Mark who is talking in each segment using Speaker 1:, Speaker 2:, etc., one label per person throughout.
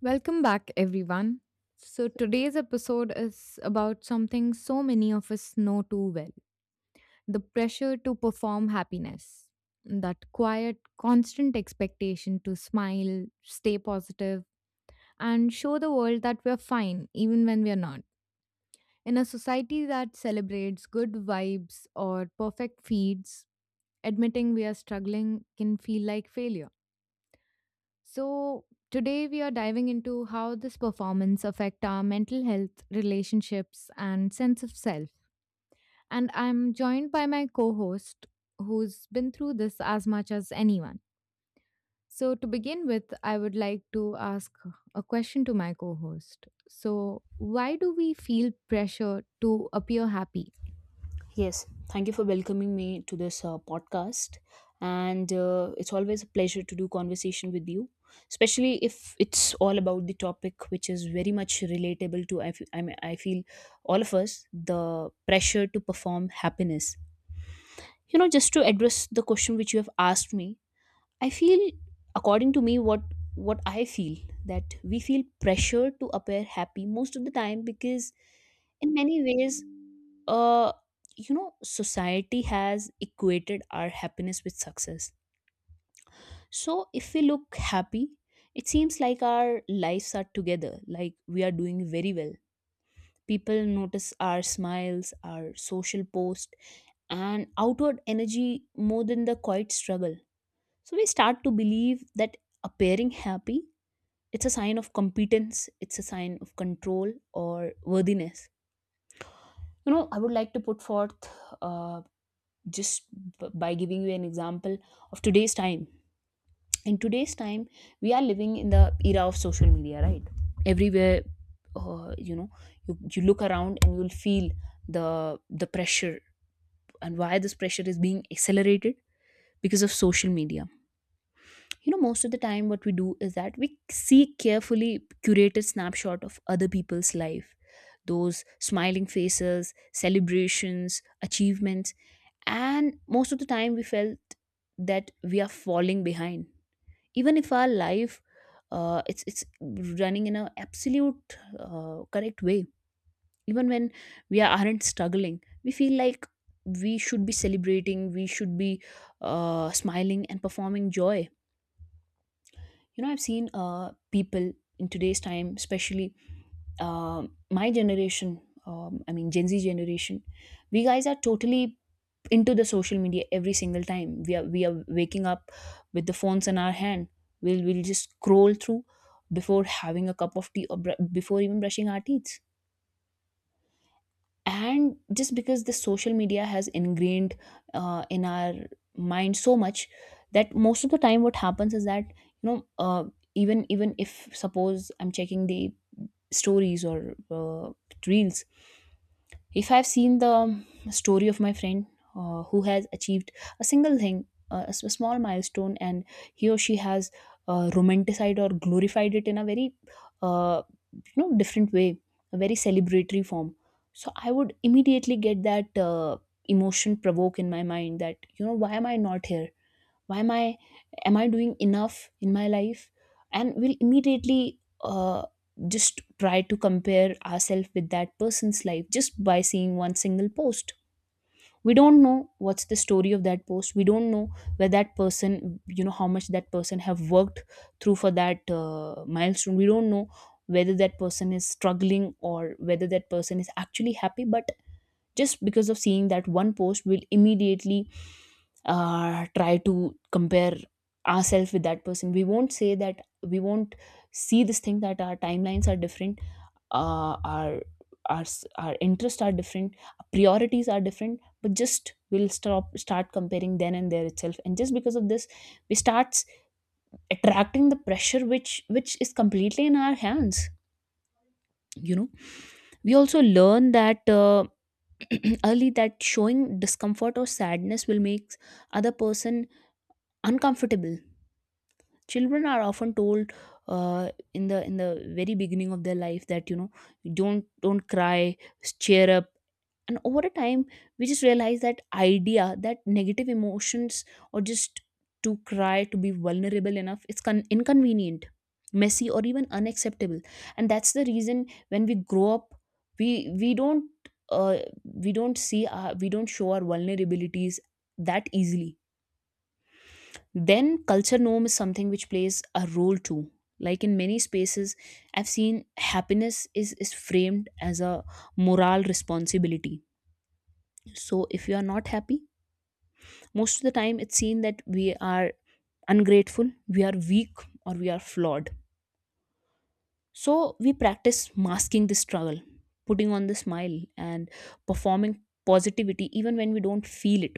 Speaker 1: Welcome back, everyone. So, today's episode is about something so many of us know too well, the pressure to perform happiness. That quiet, constant expectation to smile, stay positive, and show the world that we're fine even when we're not. In a society that celebrates good vibes or perfect feeds, admitting we are struggling can feel like failure. So, today we are diving into how this performance affect our mental health, relationships and sense of self. And I'm joined by my co-host who's been through this as much as anyone. So, to begin with, I would like to ask a question to my co-host. So, why do we feel pressure to appear happy?
Speaker 2: Yes, thank you for welcoming me to this podcast. And it's always a pleasure to do conversation with you, especially if it's all about the topic which is very much relatable to, I fe- I mean, I feel, all of us the pressure to perform happiness. You know, just to address the question which you have asked me, I feel, according to me, what I feel that we feel pressure to appear happy most of the time because, in many ways, uh, you know, society has equated our happiness with success. So if we look happy, it seems like our lives are together, like we are doing very well. People notice our smiles, our social post, and outward energy more than the quiet struggle. So we start to believe that appearing happy it's a sign of competence, it's a sign of control or worthiness. You know, I would like to put forth uh, just by giving you an example of today's time. In today's time, we are living in the era of social media, right? Everywhere, you know, you look around and you'll feel the pressure and why this pressure is being accelerated because of social media. You know, most of the time what we do is that we see carefully curated snapshot of other people's life, those smiling faces, celebrations, achievements, and most of the time we felt that we are falling behind even if our life it's running in an absolute correct way. Even when aren't struggling, we feel like we should be celebrating, we should be smiling and performing joy. You know, I've seen people in today's time, especially uh, my generation, I mean Gen Z generation. We guys are totally into the social media every single time. We are waking up with the phones in our hand. We'll just scroll through before having a cup of tea or before even brushing our teeth. And just because the social media has ingrained in our mind so much, that most of the time what happens is that, you know uh, even if suppose I'm checking the stories or reels, if I've seen the story of my friend who has achieved a single thing, a small milestone, and he or she has romanticized or glorified it in a very uh, you know different way, a very celebratory form. So I would immediately get that emotion provoke in my mind that, you know, why am I not here? Why am I am I doing enough in my life? And we'll immediately just try to compare ourselves with that person's life just by seeing one single post. We don't know what's the story of that post. We don't know where that person, you know, how much that person have worked through for that milestone. We don't know whether that person is struggling or whether that person is actually happy. But just because of seeing that one post, we'll immediately try to compare ourselves with that person. We won't say that, we won't see this thing that our timelines are different, uh, our our interests are different, our priorities are different, but just we'll stop start comparing then and there itself. And just because of this, we starts attracting the pressure which is completely in our hands. You know, we also learn that early, that showing discomfort or sadness will make other person uncomfortable. Children are often told in the very beginning of their life that, you know, don't cry, cheer up. And over a time, we just realize that idea that negative emotions, or just to cry, to be vulnerable enough, it's inconvenient, messy, or even unacceptable. And that's the reason when we grow up, we we don't, uh, we don't we don't show our vulnerabilities that easily. Then culture norm is something which plays a role too. Like in many spaces, I've seen happiness is framed as a moral responsibility. So if you are not happy, most of the time it's seen that we are ungrateful, we are weak, or we are flawed. So we practice masking the struggle, putting on the smile, and performing positivity even when we don't feel it.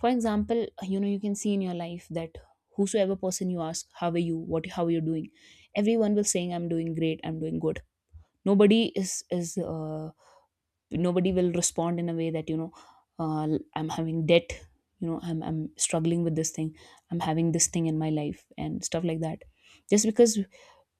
Speaker 2: For example, you know, you can see in your life that whosoever person you ask, how are you, how are you doing? Everyone will saying, I'm doing great, I'm doing good. Nobody is Nobody will respond in a way that, you know, uh, I'm having debt, you know, I'm struggling with this thing, I'm having this thing in my life and stuff like that. Just because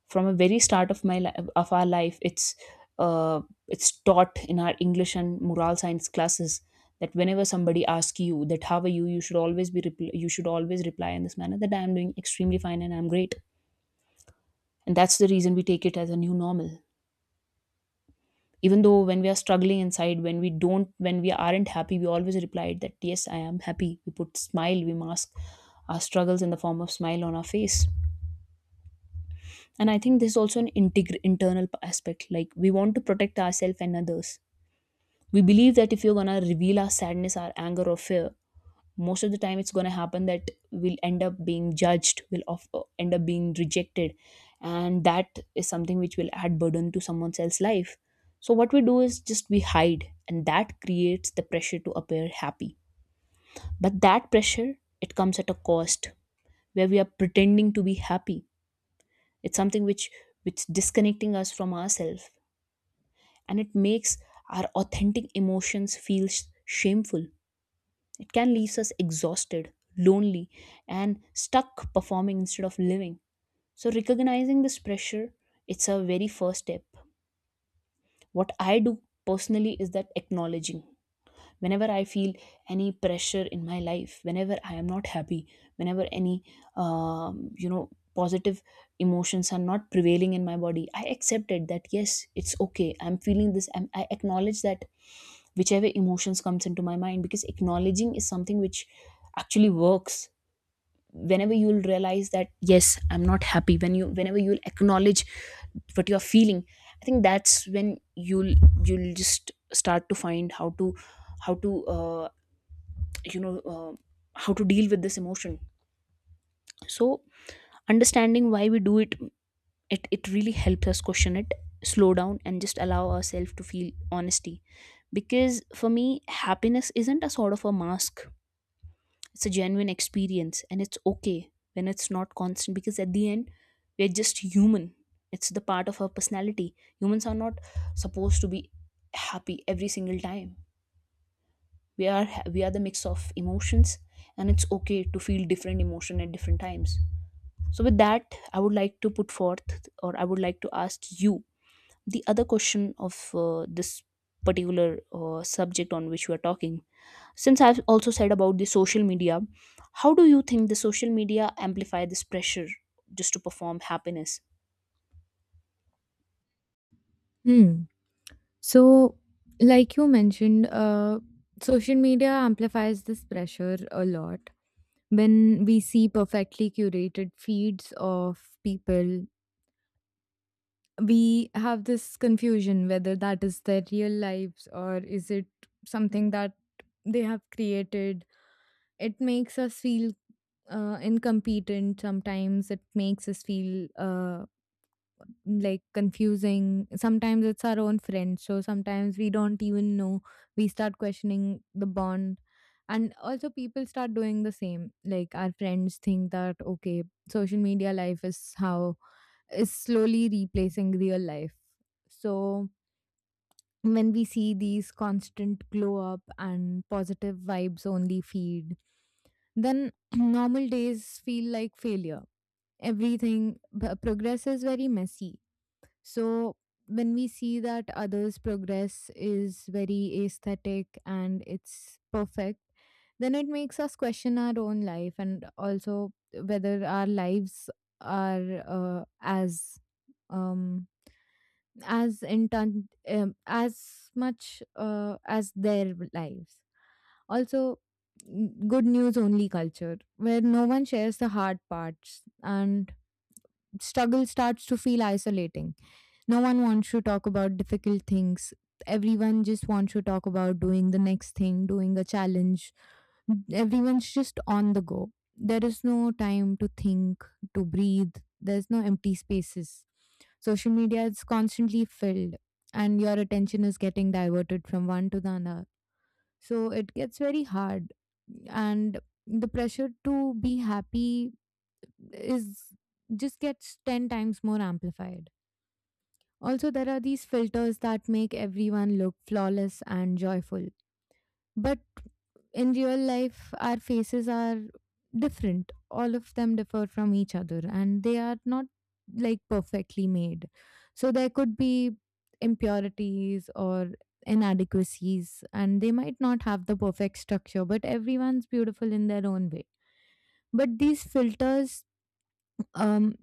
Speaker 2: from a very start of my life of our life, uh, it's taught in our English and moral science classes that whenever somebody asks you that how are you, you should always be you should always reply in this manner that I am doing extremely fine and I'm great. And that's the reason we take it as a new normal. Even though when we are struggling inside, when we don't, when we aren't happy, we always replied that yes I am happy. We put smile, we mask our struggles in the form of smile on our face. And I think this is also an internal aspect. Like we want to protect ourselves and others. We believe that if you're gonna reveal our sadness, our anger or fear, most of the time it's going to happen that we'll end up being judged, end up being rejected. And that is something which will add burden to someone else's life. So what we do is just we hide, and that creates the pressure to appear happy. But that pressure, it comes at a cost. Where we are pretending to be happy, it's something which disconnecting us from ourselves, and it makes our authentic emotions feel shameful. It can leave us exhausted, lonely, and stuck performing instead of living. So, recognizing this pressure, it's a very first step. What I do personally is that acknowledging whenever I feel any pressure in my life, whenever I am not happy, whenever any you know positive emotions are not prevailing in my body, I accepted that yes it's okay, I'm feeling this. I acknowledge that whichever emotions comes into my mind. Because acknowledging is something which actually works. Whenever you'll realize that yes I'm not happy, whenever you'll acknowledge what you're feeling, I think that's when you'll just start to find how to how to uh, you know uh, how to deal with this emotion. So understanding why we do it, it really helps us question it, slow down, and just allow ourselves to feel honesty. Because for me happiness isn't a sort of a mask. It's a genuine experience, and it's okay when it's not constant, because at the end, we're just human. It's the part of our personality. Humans are not supposed to be happy every single time. We are the mix of emotions, and it's okay to feel different emotion at different times. So with that, I would like to put forth, or I would like to ask you the other question of this particular subject on which we are talking. Since I've also said about the social media, how do you think the social media amplify this pressure just to perform happiness?
Speaker 1: Hmm. So, like you mentioned, social media amplifies this pressure a lot. When we see perfectly curated feeds of people, we have this confusion whether that is their real lives or is it something that they have created. It makes us feel incompetent sometimes, it makes us feel like confusing. Sometimes it's our own friends, so sometimes we don't even know. We start questioning the bond. And also, people start doing the same. Like, our friends think that, okay, social media life is how is slowly replacing real life. So, when we see these constant glow up and positive vibes only feed, then normal days feel like failure. Everything, progress is very messy, so when we see that others' progress is very aesthetic and it's perfect, then it makes us question our own life and also whether our lives are um, as intent as much as their lives. Also, good news only culture where no one shares the hard parts and struggle starts to feel isolating. No one wants to talk about difficult things. Everyone just wants to talk about doing the next thing, doing a challenge. Everyone's just on the go. There is no time to think, to breathe. There's no empty spaces. Social media is constantly filled, and your attention is getting diverted from one to the another. So it gets very hard. And the pressure to be happy is just gets 10 times more amplified. Also, there are these filters that make everyone look flawless and joyful. But in real life, our faces are different. All of them differ from each other and they are not like perfectly made. So, there could be impurities or inadequacies, and they might not have the perfect structure, but everyone's beautiful in their own way. But these filters um,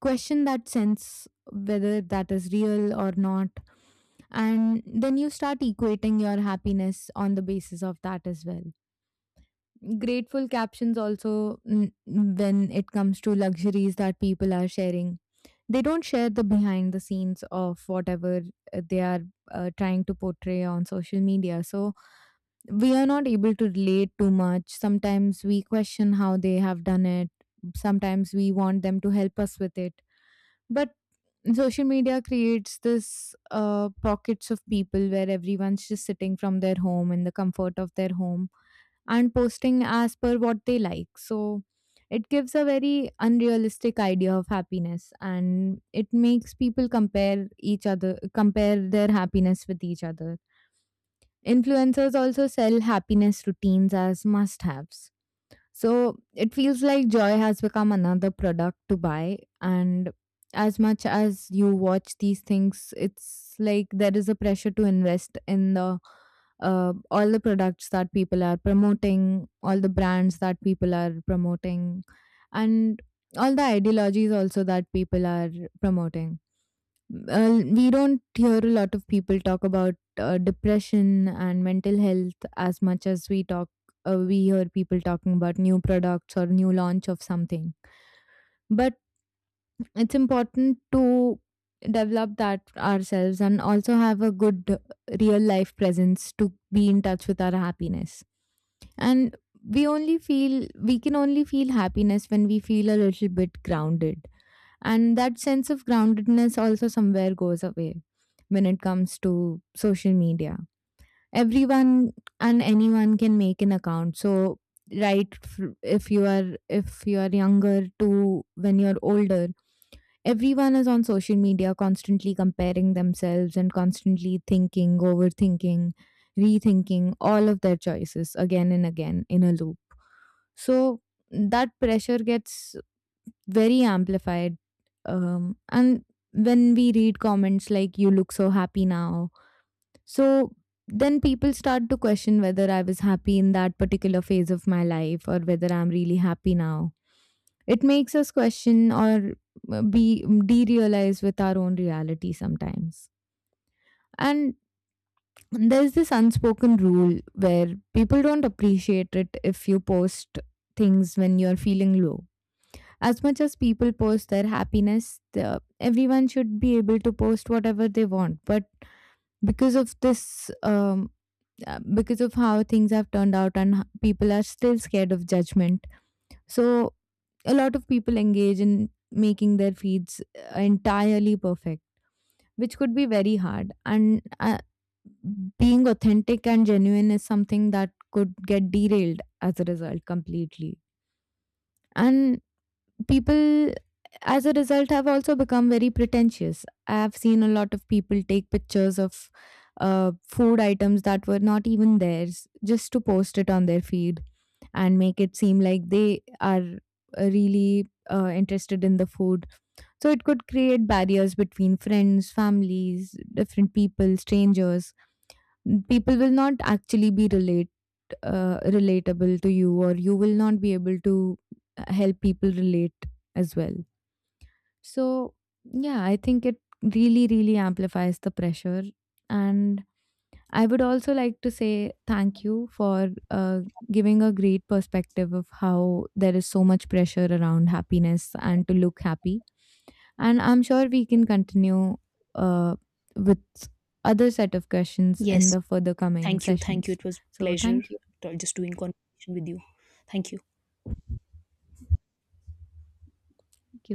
Speaker 1: question that sense whether that is real or not. And then you start equating your happiness on the basis of that as well. Grateful captions also, mm, when it comes to luxuries that people are sharing, they don't share the behind the scenes of whatever they are trying to portray on social media. So we are not able to relate too much. Sometimes we question how they have done it. Sometimes we want them to help us with it. But social media creates this pockets of people where everyone's just sitting from their home in the comfort of their home, and posting as per what they like. So it gives a very unrealistic idea of happiness, and it makes people compare each other, compare their happiness with each other. Influencers also sell happiness routines as must haves, so it feels like joy has become another product to buy. And as much as you watch these things, it's like there is a pressure to invest in the all the products that people are promoting, all the brands that people are promoting, and all the ideologies also that people are promoting. We don't hear a lot of people talk about depression and mental health as much as we talk. We hear people talking about new products or new launch of something. But it's important to develop that ourselves and also have a good real life presence to be in touch with our happiness. And we can only feel happiness when we feel a little bit grounded, and that sense of groundedness also somewhere goes away when it comes to social media. Everyone and anyone can make an account. So if you are younger to when you're older, everyone is on social media, constantly comparing themselves and constantly thinking, overthinking, rethinking all of their choices again and again in a loop. So that pressure gets very amplified. And when we read comments like, "You look so happy now." So then people start to question whether I was happy in that particular phase of my life or whether I'm really happy now. It makes us question or be derealize with our own reality sometimes. And there's this unspoken rule where people don't appreciate it if you post things when you're feeling low. As much as people post their happiness, everyone should be able to post whatever they want. But because of this, because of how things have turned out, and people are still scared of judgment, so a lot of people engage in making their feeds entirely perfect, which could be very hard. And being authentic and genuine is something that could get derailed as a result completely. And people as a result have also become very pretentious. I've seen a lot of people take pictures of food items that were not even theirs just to post it on their feed and make it seem like they are really interested in the food. So it could create barriers between friends, families, different people, strangers. People will not actually be relate relatable to you, or you will not be able to help people relate as well. So, yeah, I think it really, really amplifies the pressure. And I would also like to say thank you for giving a great perspective of how there is so much pressure around happiness and to look happy. And I'm sure we can continue uh, with other set of questions in
Speaker 2: Yes.
Speaker 1: the further coming
Speaker 2: Thank you. Thank you.
Speaker 1: sessions.
Speaker 2: It was
Speaker 1: So,
Speaker 2: pleasure
Speaker 1: thank you.
Speaker 2: just doing conversation with you. Thank you.
Speaker 1: Thank